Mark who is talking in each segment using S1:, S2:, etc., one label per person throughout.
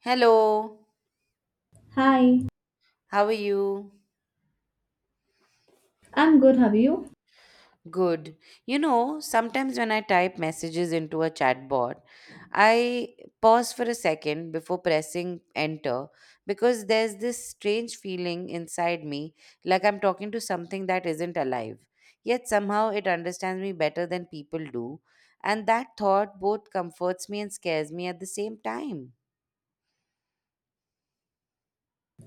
S1: Hello,
S2: Hi,
S1: how are you?
S2: I'm good. How are you?
S1: Good. You know, sometimes when I type messages into a chatbot, I pause for a second before pressing enter because there's this strange feeling inside me like I'm talking to something that isn't alive. Yet somehow it understands me better than people do, and that thought both comforts me and scares me at the same time.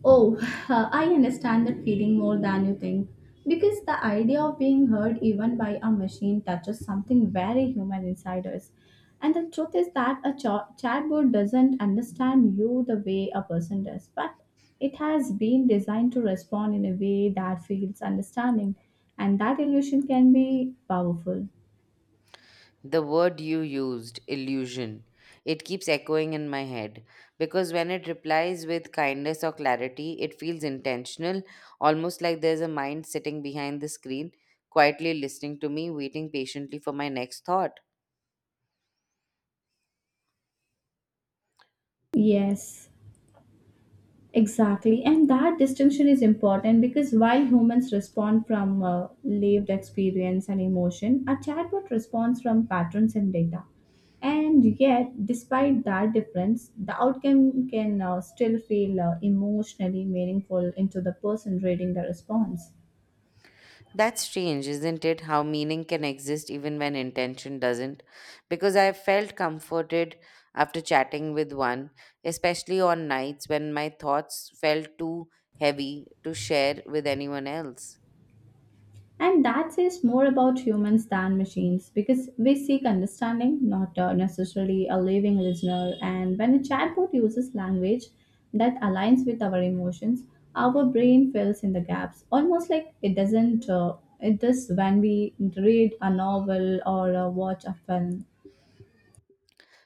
S2: Oh, I understand that feeling more than you think. Because the idea of being heard even by a machine touches something very human inside us. And the truth is that a chatbot doesn't understand you the way a person does, but it has been designed to respond in a way that feels understanding. And that illusion can be powerful.
S1: The word you used, illusion, it keeps echoing in my head because when it replies with kindness or clarity, it feels intentional, almost like there's a mind sitting behind the screen, quietly listening to me, waiting patiently for my next thought.
S2: Yes. Exactly, and that distinction is important because while humans respond from lived experience and emotion, a chatbot responds from patterns and data. And yet, despite that difference, the outcome can still feel emotionally meaningful into the person reading the response.
S1: That's strange, isn't it? How meaning can exist even when intention doesn't. Because I felt comforted after chatting with one, especially on nights when my thoughts felt too heavy to share with anyone else.
S2: And that says more about humans than machines because we seek understanding, not necessarily a living listener. And when a chatbot uses language that aligns with our emotions, our brain fills in the gaps, almost like it doesn't. It does when we read a novel or watch a film.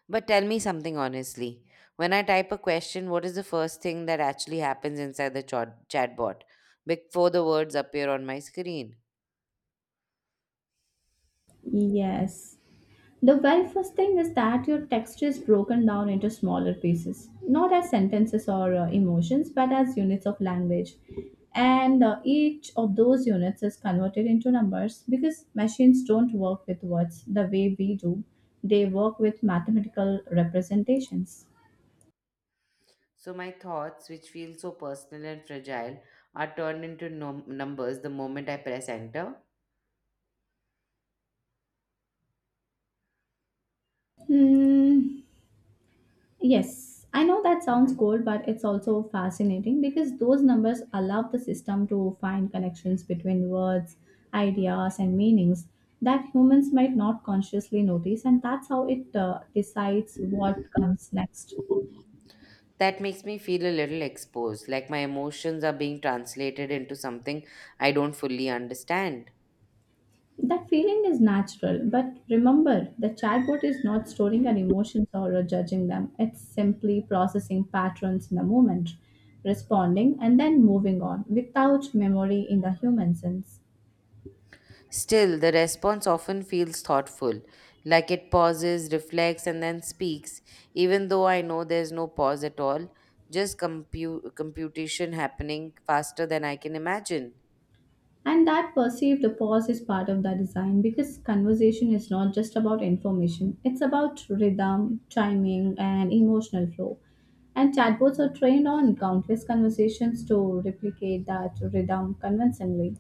S1: But tell me something honestly. When I type a question, what is the first thing that actually happens inside the chatbot before the words appear on my screen?
S2: Yes. The very first thing is that your text is broken down into smaller pieces, not as sentences or emotions, but as units of language. And each of those units is converted into numbers because machines don't work with words the way we do, they work with mathematical representations.
S1: So my thoughts, which feel so personal and fragile, are turned into numbers the moment I press enter.
S2: Hmm. Yes, I know that sounds cold, but it's also fascinating because those numbers allow the system to find connections between words, ideas, and meanings that humans might not consciously notice, and that's how it decides what comes next.
S1: That makes me feel a little exposed, like my emotions are being translated into something I don't fully understand.
S2: That feeling is natural, but remember, the chatbot is not storing our emotions or judging them. It's simply processing patterns in the moment, responding, and then moving on without memory in the human sense.
S1: Still, the response often feels thoughtful, like it pauses, reflects, and then speaks, even though I know there's no pause at all, just computation happening faster than I can imagine.
S2: And that perceived pause is part of the design because conversation is not just about information, it's about rhythm, timing, and emotional flow. And chatbots are trained on countless conversations to replicate that rhythm convincingly.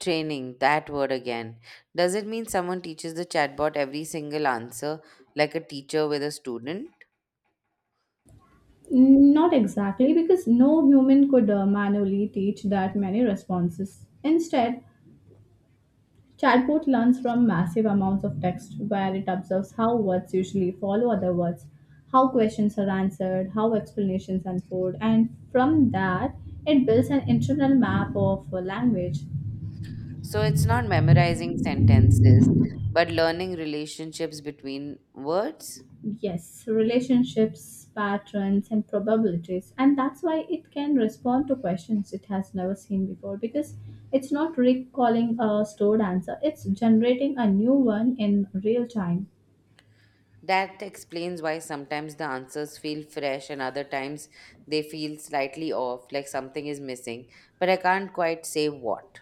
S1: Training, that word again. Does it mean someone teaches the chatbot every single answer, like a teacher with a student?
S2: Not exactly, because no human could manually teach that many responses. Instead, chatbot learns from massive amounts of text where it observes how words usually follow other words, how questions are answered, how explanations unfold, and from that, it builds an internal map of a language.
S1: So it's not memorizing sentences, but learning relationships between words?
S2: Yes, relationships, patterns, and probabilities. And that's why it can respond to questions it has never seen before because it's not recalling a stored answer, it's generating a new one in real time.
S1: That explains why sometimes the answers feel fresh and other times they feel slightly off, like something is missing, but I can't quite say what.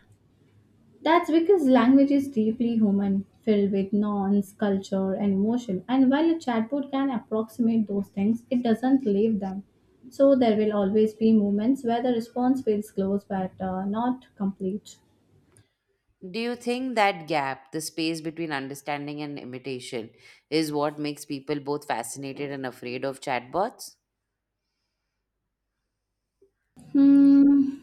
S2: That's because language is deeply human, filled with nouns, culture, and emotion. And while a chatbot can approximate those things, it doesn't live them. So there will always be moments where the response feels close but not complete.
S1: Do you think that gap, the space between understanding and imitation, is what makes people both fascinated and afraid of chatbots?
S2: Hmm,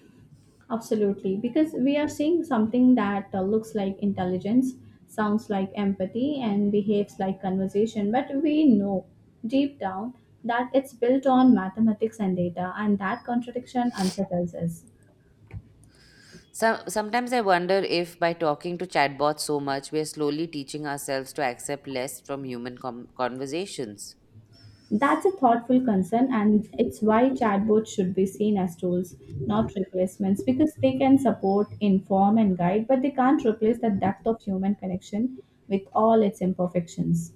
S2: absolutely. Because we are seeing something that looks like intelligence, sounds like empathy, and behaves like conversation. But we know deep down that it's built on mathematics and data, and that contradiction unsettles us.
S1: So, sometimes I wonder if by talking to chatbots so much, we are slowly teaching ourselves to accept less from human conversations.
S2: That's a thoughtful concern, and it's why chatbots should be seen as tools, not replacements, because they can support, inform, and guide, but they can't replace the depth of human connection with all its imperfections.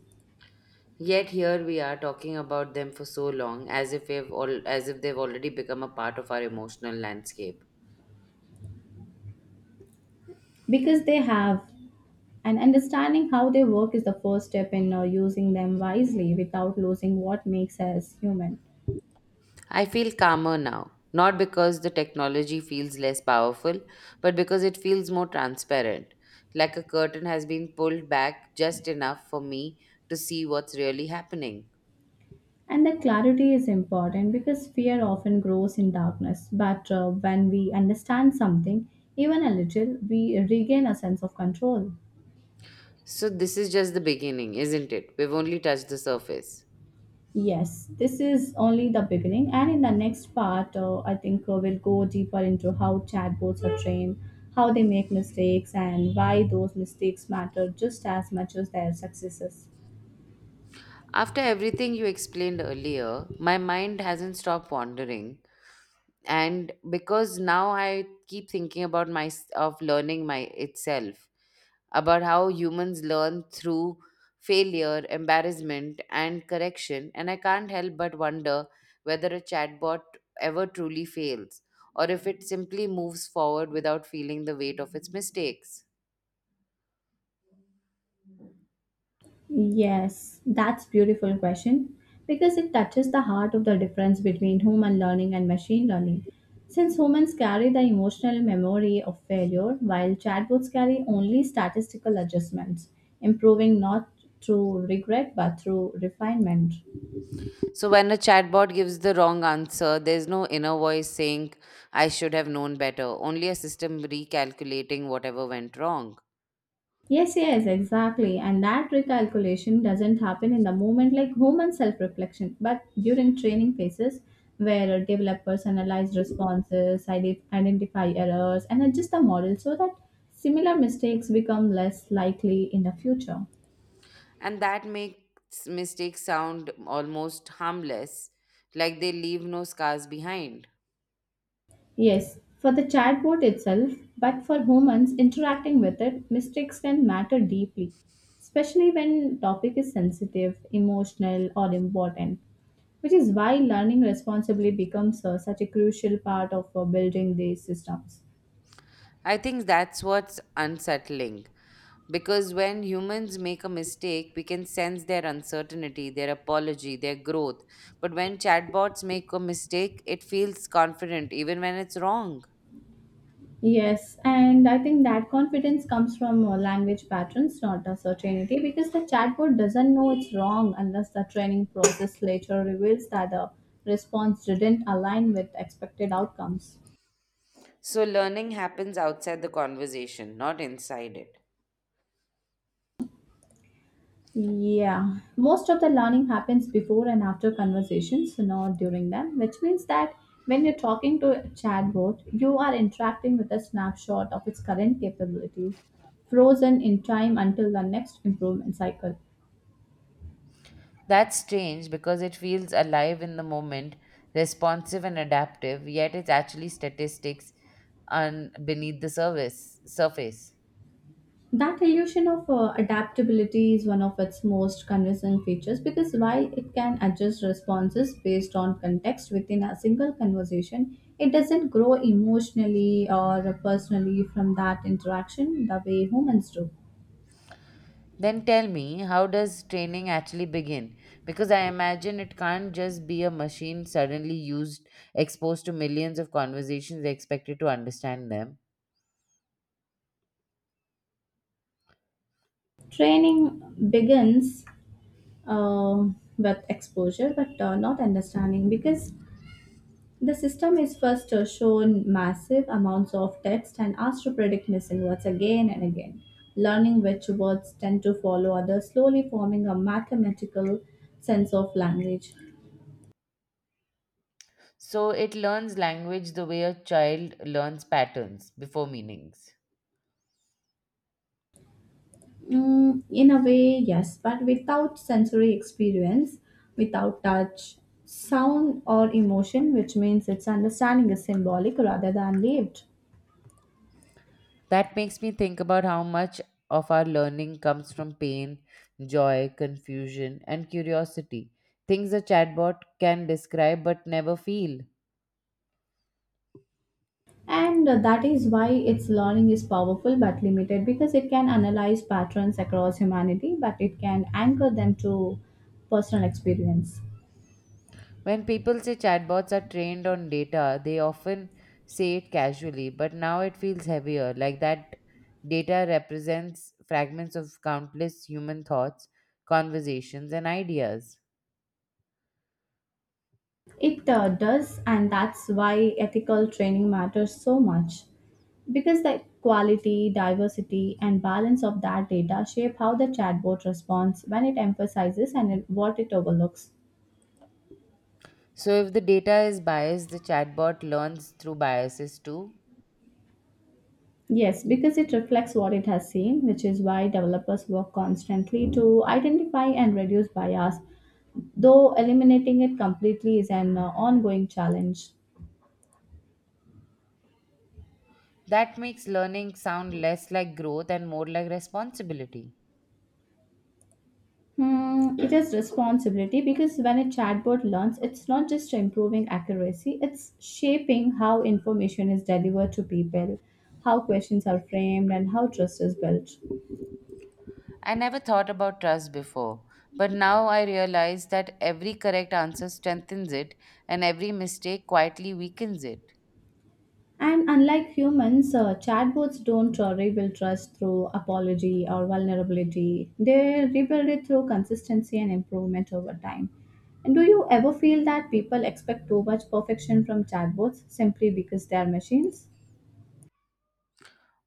S1: Yet here we are talking about them for so long, as if they've already become a part of our emotional landscape.
S2: Because they have, and understanding how they work is the first step in using them wisely without losing what makes us human.
S1: I feel calmer now, not because the technology feels less powerful, but because it feels more transparent, like a curtain has been pulled back just enough for me to see what's really happening.
S2: And that clarity is important because fear often grows in darkness, but when we understand something, even a little, we regain a sense of control.
S1: So this is just the beginning, isn't it? We've only touched the surface.
S2: Yes, this is only the beginning, and in the next part, I think we'll go deeper into how chatbots are trained, how they make mistakes, and why those mistakes matter just as much as their successes.
S1: After everything you explained earlier, my mind hasn't stopped wandering. And because now I keep thinking about my, of learning my, itself, about how humans learn through failure, embarrassment, and correction, and I can't help but wonder whether a chatbot ever truly fails, or if it simply moves forward without feeling the weight of its mistakes.
S2: Yes, that's beautiful question because it touches the heart of the difference between human learning and machine learning. Since humans carry the emotional memory of failure, while chatbots carry only statistical adjustments, improving not through regret but through refinement.
S1: So when a chatbot gives the wrong answer, there's no inner voice saying I should have known better, only a system recalculating whatever went wrong.
S2: Yes, yes, exactly. And that recalculation doesn't happen in the moment like human self reflection, but during training phases where developers analyze responses, identify errors, and adjust the model so that similar mistakes become less likely in the future.
S1: And that makes mistakes sound almost harmless, like they leave no scars behind.
S2: Yes, for the chatbot itself, but for humans interacting with it, mistakes can matter deeply, especially when topic is sensitive, emotional, or important, which is why learning responsibly becomes such a crucial part of building these systems.
S1: I think that's what's unsettling because when humans make a mistake, we can sense their uncertainty, their apology, their growth. But when chatbots make a mistake, it feels confident even when it's wrong.
S2: Yes, and I think that confidence comes from language patterns, not a certainty, because the chatbot doesn't know it's wrong unless the training process later reveals that the response didn't align with expected outcomes.
S1: So learning happens outside the conversation, not inside it.
S2: Yeah, most of the learning happens before and after conversations, not during them, which means that when you're talking to a chatbot, you are interacting with a snapshot of its current capabilities, frozen in time until the next improvement cycle.
S1: That's strange because it feels alive in the moment, responsive and adaptive, yet it's actually statistics beneath the service surface.
S2: That illusion of adaptability is one of its most convincing features because while it can adjust responses based on context within a single conversation, it doesn't grow emotionally or personally from that interaction the way humans do.
S1: Then tell me, how does training actually begin? Because I imagine it can't just be a machine suddenly used, exposed to millions of conversations, expected to understand them.
S2: Training begins uh, with exposure but not understanding because the system is first shown massive amounts of text and asked to predict missing words again and again, learning which words tend to follow others, slowly forming a mathematical sense of language.
S1: So it learns language the way a child learns patterns before meanings.
S2: Mm, in a way, yes, but without sensory experience, without touch, sound, or emotion, which means its understanding is symbolic rather than lived.
S1: That makes me think about how much of our learning comes from pain, joy, confusion, and curiosity. Things a chatbot can describe but never feel.
S2: And that is why its learning is powerful but limited because it can analyze patterns across humanity, but it can anchor them to personal experience.
S1: When people say chatbots are trained on data, they often say it casually, but now it feels heavier, like that data represents fragments of countless human thoughts, conversations, and ideas.
S2: It does, and that's why ethical training matters so much because the quality, diversity, and balance of that data shape how the chatbot responds when it emphasizes and what it overlooks.
S1: So, if the data is biased, the chatbot learns through biases too.
S2: Yes, because it reflects what it has seen, which is why developers work constantly to identify and reduce bias, though eliminating it completely is an ongoing challenge.
S1: That makes learning sound less like growth and more like responsibility.
S2: Hmm, it is responsibility because when a chatbot learns, it's not just improving accuracy, it's shaping how information is delivered to people, how questions are framed, and how trust is built.
S1: I never thought about trust before, but now I realize that every correct answer strengthens it and every mistake quietly weakens it.
S2: And unlike humans, chatbots don't rebuild trust through apology or vulnerability. They rebuild it through consistency and improvement over time. And do you ever feel that people expect too much perfection from chatbots simply because they are machines?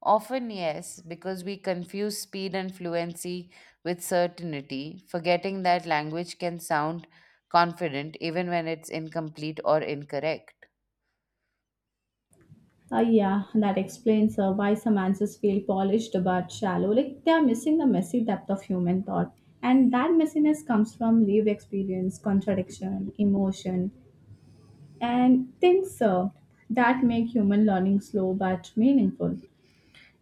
S1: Often, yes, because we confuse speed and fluency with certainty, forgetting that language can sound confident even when it's incomplete or incorrect.
S2: Yeah, that explains why some answers feel polished but shallow, like they are missing the messy depth of human thought. And that messiness comes from lived experience, contradiction, emotion, and things served that make human learning slow but meaningful.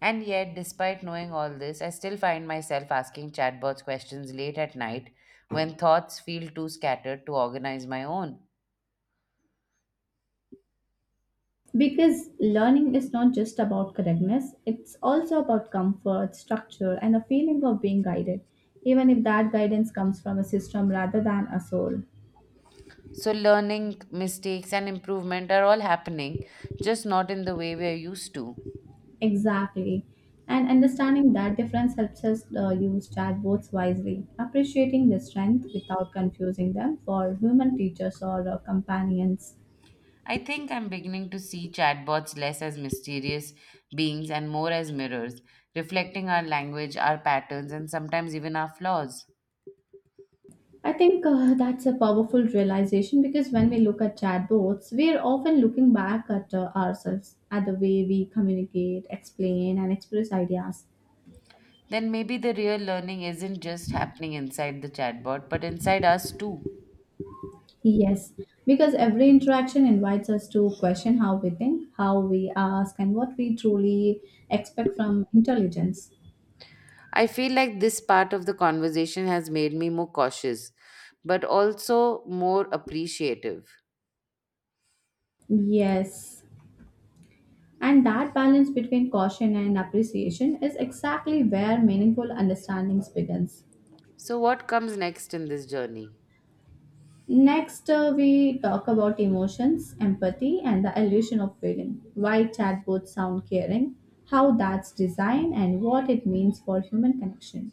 S1: And yet, despite knowing all this, I still find myself asking chatbots questions late at night when thoughts feel too scattered to organize my own.
S2: Because learning is not just about correctness, it's also about comfort, structure, and a feeling of being guided, even if that guidance comes from a system rather than a soul.
S1: So, learning, mistakes, and improvement are all happening, just not in the way we're used to.
S2: Exactly. And understanding that difference helps us use chatbots wisely, appreciating their strength without confusing them for human teachers or companions.
S1: I think I'm beginning to see chatbots less as mysterious beings and more as mirrors, reflecting our language, our patterns, and sometimes even our flaws.
S2: I think that's a powerful realization because when we look at chatbots, we are often looking back at ourselves, at the way we communicate, explain, and express ideas.
S1: Then maybe the real learning isn't just happening inside the chatbot, but inside us too.
S2: Yes, because every interaction invites us to question how we think, how we ask, and what we truly expect from intelligence.
S1: I feel like this part of the conversation has made me more cautious, but also more appreciative.
S2: Yes, and that balance between caution and appreciation is exactly where meaningful understandings begins.
S1: So, what comes next in this journey?
S2: Next, we talk about emotions, empathy, and the illusion of feeling. Why chatbots sound caring, how that's designed, and what it means for human connection.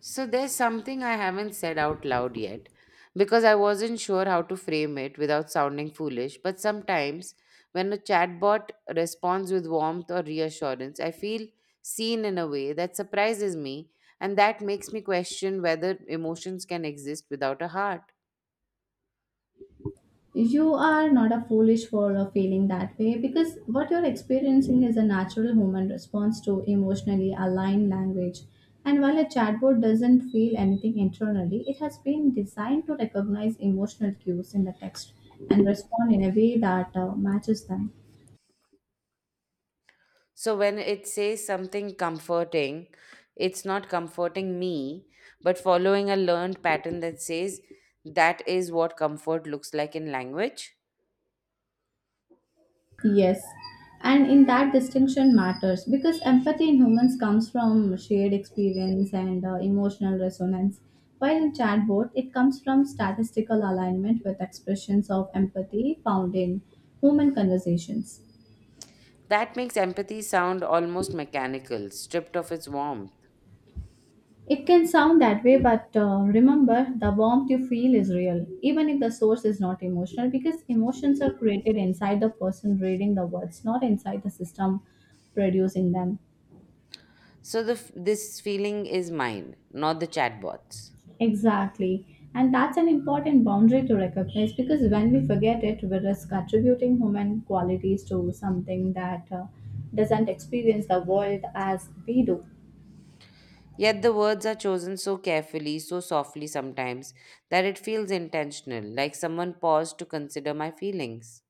S1: So, there's something I haven't said out loud yet because I wasn't sure how to frame it without sounding foolish. But sometimes, when a chatbot responds with warmth or reassurance, I feel seen in a way that surprises me and that makes me question whether emotions can exist without a heart.
S2: You are not a foolish for feeling that way because what you're experiencing is a natural human response to emotionally aligned language. And while a chatbot doesn't feel anything internally, it has been designed to recognize emotional cues in the text and respond in a way that matches them.
S1: So when it says something comforting, it's not comforting me, but following a learned pattern that says that is what comfort looks like in language.
S2: Yes, and in that distinction matters because empathy in humans comes from shared experience and emotional resonance, while in chatbot it comes from statistical alignment with expressions of empathy found in human conversations.
S1: That makes empathy sound almost mechanical, stripped of its warmth.
S2: It can sound that way, but remember the warmth you feel is real, even if the source is not emotional, because emotions are created inside the person reading the words, not inside the system producing them.
S1: So this feeling is mine, not the chatbot's.
S2: Exactly. And that's an important boundary to recognize because when we forget it, we risk attributing human qualities to something that doesn't experience the world as we do.
S1: Yet the words are chosen so carefully, so softly sometimes, that it feels intentional, like someone paused to consider my feelings.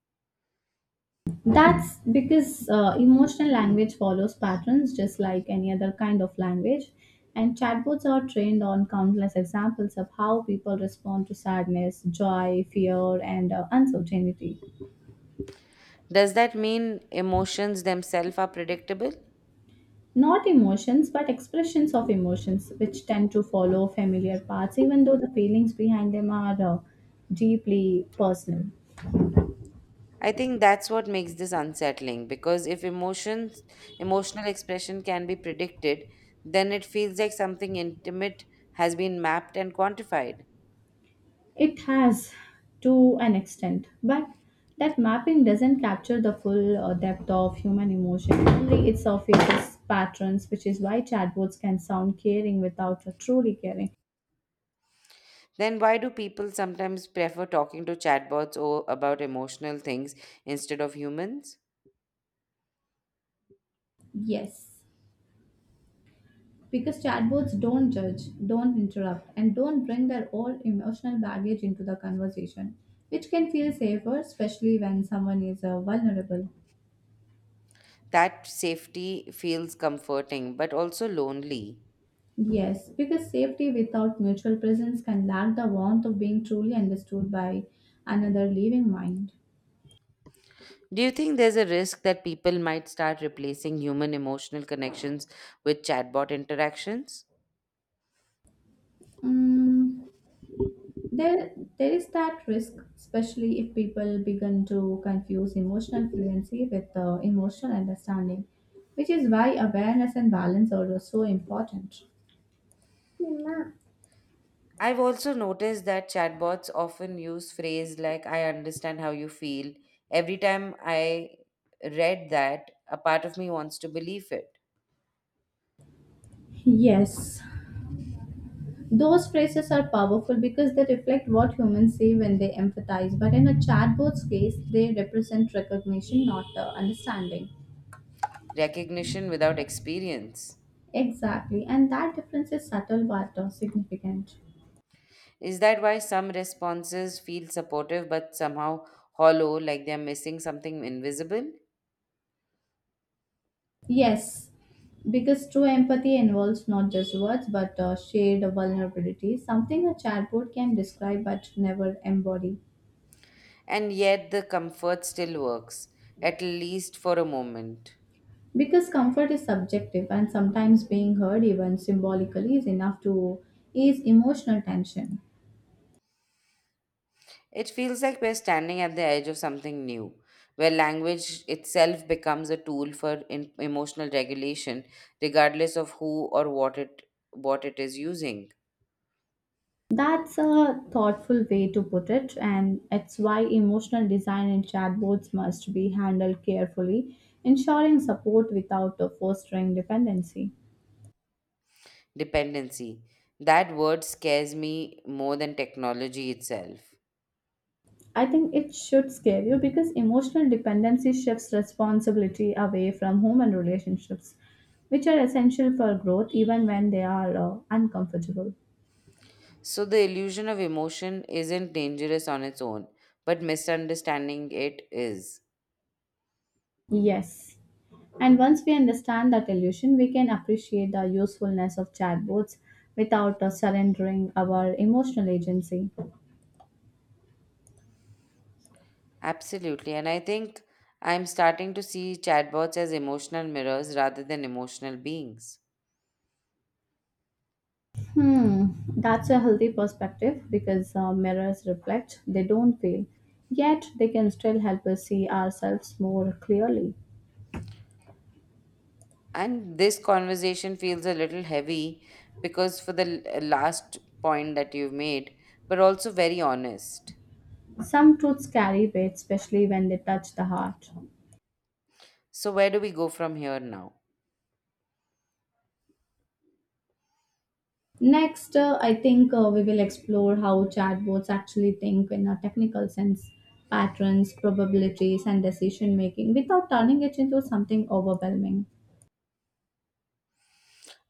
S2: That's because emotional language follows patterns just like any other kind of language. And chatbots are trained on countless examples of how people respond to sadness, joy, fear, and uncertainty.
S1: Does that mean emotions themselves are predictable?
S2: Not emotions, but expressions of emotions, which tend to follow familiar paths, even though the feelings behind them are deeply personal.
S1: I think that's what makes this unsettling because if emotions, emotional expression can be predicted, then it feels like something intimate has been mapped and quantified.
S2: It has to an extent, but that mapping doesn't capture the full depth of human emotion. Only it surfaces patterns, which is why chatbots can sound caring without truly caring.
S1: Then why do people sometimes prefer talking to chatbots or about emotional things instead of humans?
S2: Yes. Because chatbots don't judge, don't interrupt, and don't bring their own emotional baggage into the conversation, which can feel safer, especially when someone is vulnerable.
S1: That safety feels comforting but also lonely.
S2: Yes, because safety without mutual presence can lack the warmth of being truly understood by another living mind.
S1: Do you think there's a risk that people might start replacing human emotional connections with chatbot interactions?
S2: Mm, there, there is that risk, especially if people begin to confuse emotional fluency with emotional understanding, which is why awareness and balance are so important.
S1: I've also noticed that chatbots often use phrase like I understand how you feel. Every time I read that, a part of me wants to believe it.
S2: Yes, those phrases are powerful because they reflect what humans say when they empathize, but in a chatbot's case, they represent recognition, not the understanding.
S1: Recognition without experience.
S2: Exactly, and that difference is subtle but significant.
S1: Is that why some responses feel supportive but somehow hollow, like they're missing something invisible?
S2: Yes, because true empathy involves not just words but shared vulnerability, something a chatbot can describe but never embody.
S1: And yet the comfort still works, at least for a moment.
S2: Because comfort is subjective, and sometimes being heard, even symbolically, is enough to ease emotional tension.
S1: It feels like we're standing at the edge of something new, where language itself becomes a tool for emotional regulation, regardless of who or what it is using.
S2: That's a thoughtful way to put it, and it's why emotional design in chatbots must be handled carefully, ensuring support without fostering dependency.
S1: Dependency. That word scares me more than technology itself.
S2: I think it should scare you because emotional dependency shifts responsibility away from human relationships, which are essential for growth even when they are uncomfortable.
S1: So the illusion of emotion isn't dangerous on its own, but misunderstanding it is.
S2: Yes, and once we understand that illusion, we can appreciate the usefulness of chatbots without surrendering our emotional agency.
S1: Absolutely, and I think I'm starting to see chatbots as emotional mirrors rather than emotional beings.
S2: Hmm, that's a healthy perspective because mirrors reflect, they don't fail. Yet, they can still help us see ourselves more clearly.
S1: And this conversation feels a little heavy because for the last point that you've made, but also very honest.
S2: Some truths carry weight, especially when they touch the heart.
S1: So, where do we go from here now?
S2: Next, I think we will explore how chatbots actually think in a technical sense, patterns, probabilities, and decision making without turning it into something overwhelming.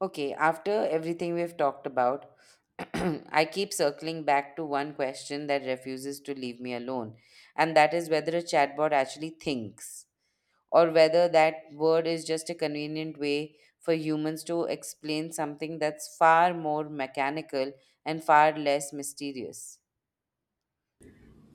S1: Okay, after everything we've talked about, I keep circling back to one question that refuses to leave me alone, and that is whether a chatbot actually thinks, or whether that word is just a convenient way for humans to explain something that's far more mechanical and far less mysterious.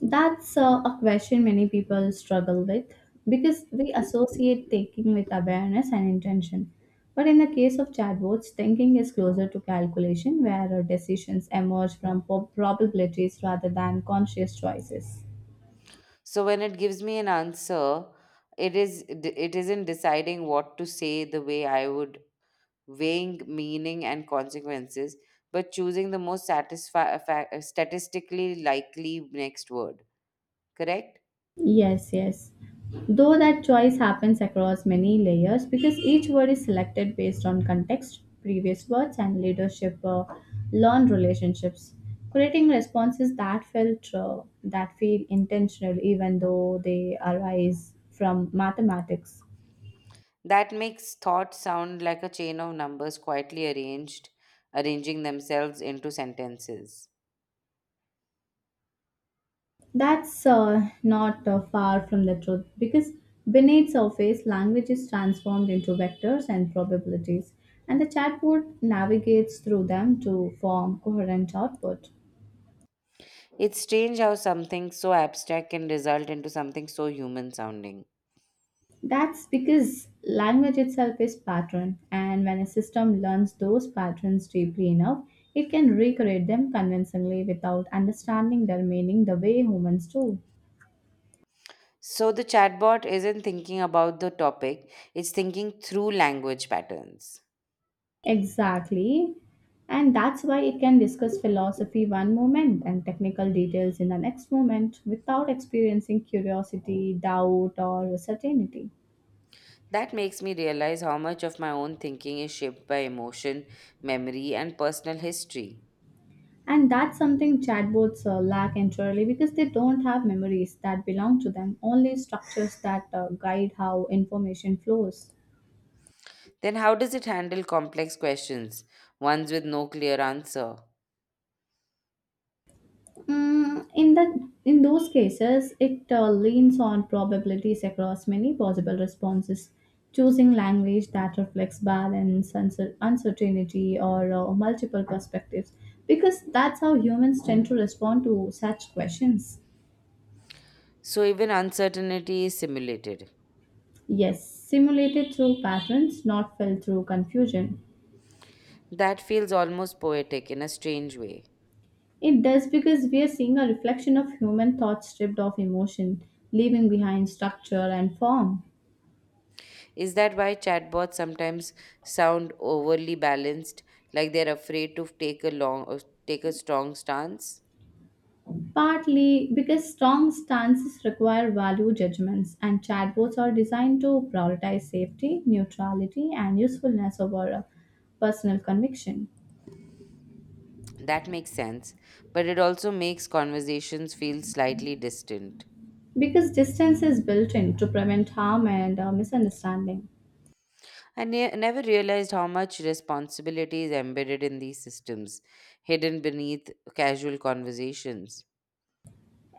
S2: That's a question many people struggle with because we associate thinking with awareness and intention. But in the case of chatbots, thinking is closer to calculation, where decisions emerge from probabilities rather than conscious choices.
S1: So when it gives me an answer, it isn't deciding what to say the way I would, weighing meaning and consequences, but choosing the most statistically likely next word. Correct?
S2: Yes, yes. Though that choice happens across many layers because each word is selected based on context, previous words, and leadership learned relationships, creating responses that felt that feel intentional even though they arise from mathematics.
S1: That makes thought sound like a chain of numbers quietly arranged, arranging themselves into sentences.
S2: That's not far from the truth because beneath surface language is transformed into vectors and probabilities, and the chatbot navigates through them to form coherent output.
S1: It's strange how something so abstract can result into something so human sounding.
S2: That's because language itself is pattern, and when a system learns those patterns deeply enough, it can recreate them convincingly without understanding their meaning the way humans do.
S1: So the chatbot isn't thinking about the topic, it's thinking through language patterns.
S2: Exactly. And that's why it can discuss philosophy one moment and technical details in the next moment without experiencing curiosity, doubt, or certainty.
S1: That makes me realize how much of my own thinking is shaped by emotion, memory, and personal history.
S2: And that's something chatbots lack entirely because they don't have memories that belong to them, only structures that guide how information flows.
S1: Then, how does it handle complex questions, ones with no clear answer?
S2: Mm, in that in those cases, it leans on probabilities across many possible responses, choosing language that reflects balance, uncertainty, or multiple perspectives, because that's how humans tend to respond to such questions.
S1: So, even uncertainty is simulated.
S2: Yes, simulated through patterns, not felt through confusion.
S1: That feels almost poetic in a strange way.
S2: It does because we are seeing a reflection of human thought stripped of emotion, leaving behind structure and form.
S1: Is that why chatbots sometimes sound overly balanced, like they're afraid to take a strong stance?
S2: Partly because strong stances require value judgments, and chatbots are designed to prioritize safety, neutrality, and usefulness over personal conviction.
S1: That makes sense, but it also makes conversations feel slightly distant.
S2: Because distance is built in to prevent harm and misunderstanding.
S1: I never realized how much responsibility is embedded in these systems, hidden beneath casual conversations.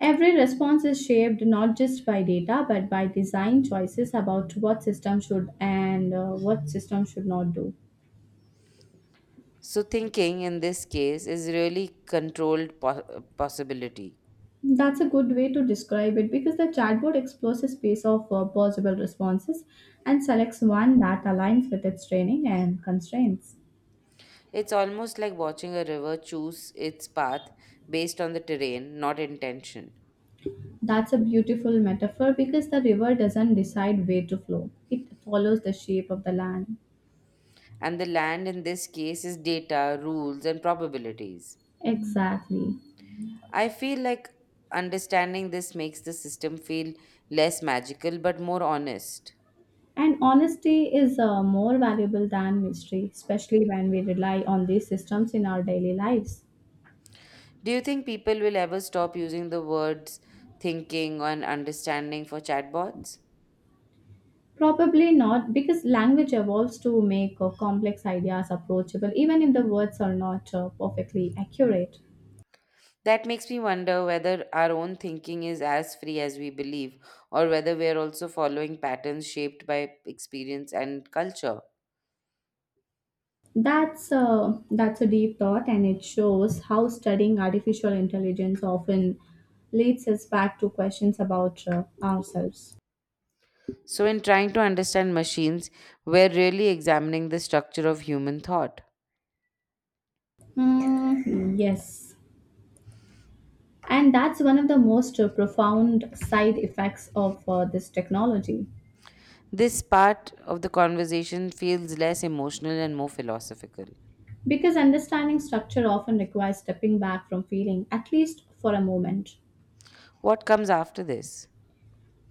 S2: Every response is shaped not just by data but by design choices about what system should and what system should not do.
S1: So, thinking in this case is really controlled possibility.
S2: That's a good way to describe it because the chatbot explores a space of possible responses and selects one that aligns with its training and constraints.
S1: It's almost like watching a river choose its path based on the terrain, not intention.
S2: That's a beautiful metaphor because the river doesn't decide where to flow, it follows the shape of the land.
S1: And the land in this case is data, rules, and probabilities.
S2: Exactly.
S1: I feel like understanding this makes the system feel less magical but more honest.
S2: And honesty is more valuable than mystery, especially when we rely on these systems in our daily lives.
S1: Do you think people will ever stop using the words thinking and understanding for chatbots?
S2: Probably not, because language evolves to make complex ideas approachable, even if the words are not perfectly accurate.
S1: That makes me wonder whether our own thinking is as free as we believe, or whether we are also following patterns shaped by experience and culture.
S2: That's a deep thought, and it shows how studying artificial intelligence often leads us back to questions about ourselves.
S1: So, in trying to understand machines, we're really examining the structure of human thought.
S2: Mm, yes, and that's one of the most profound side effects of this technology,
S1: This part of the conversation feels less emotional and more philosophical.
S2: because understanding structure often requires stepping back from feeling, at least for a moment.
S1: What comes after this?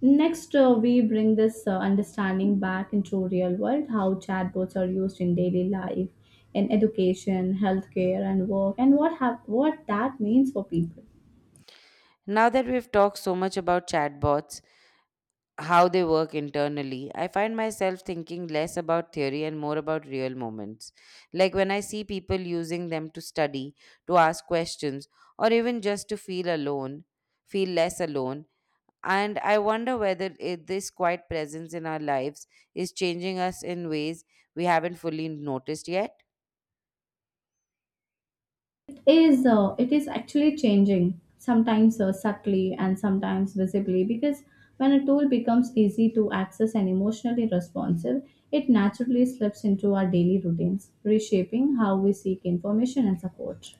S2: Next, we bring this understanding back into real world, how chatbots are used in daily life, in education, healthcare, and work, and what that means for people.
S1: Now that we've talked so much about chatbots, how they work internally, I find myself thinking less about theory and more about real moments. Like when I see people using them to study, to ask questions, or even just to feel less alone. And I wonder whether this quiet presence in our lives is changing us in ways we haven't fully noticed yet.
S2: It is actually changing sometimes subtly and sometimes visibly because when a tool becomes easy to access and emotionally responsive, it naturally slips into our daily routines, reshaping how we seek information and support.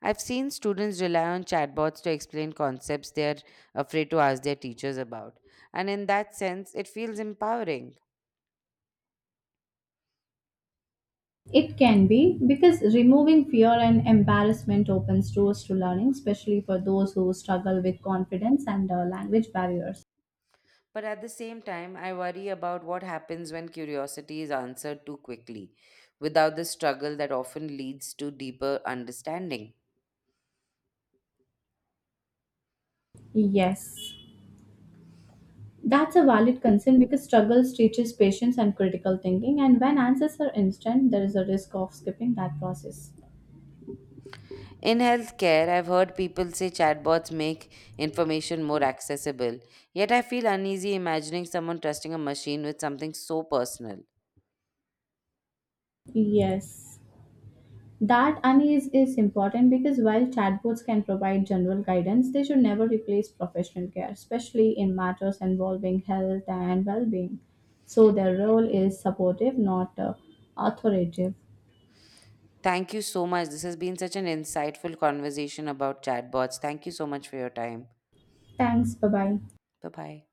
S1: I've seen students rely on chatbots to explain concepts they're afraid to ask their teachers about. And in that sense, it feels empowering.
S2: It can be because removing fear and embarrassment opens doors to learning, especially for those who struggle with confidence and language barriers.
S1: But at the same time, I worry about what happens when curiosity is answered too quickly, without the struggle that often leads to deeper understanding.
S2: Yes, that's a valid concern because struggles teaches patience and critical thinking, and when answers are instant, there is a risk of skipping that process.
S1: In healthcare, I've heard people say chatbots make information more accessible, yet I feel uneasy imagining someone trusting a machine with something so personal.
S2: Yes. That unease is important because while chatbots can provide general guidance, they should never replace professional care, especially in matters involving health and well being. So, their role is supportive, not authoritative.
S1: Thank you so much. This has been such an insightful conversation about chatbots. Thank you so much for your time.
S2: Thanks, bye bye.
S1: Bye bye.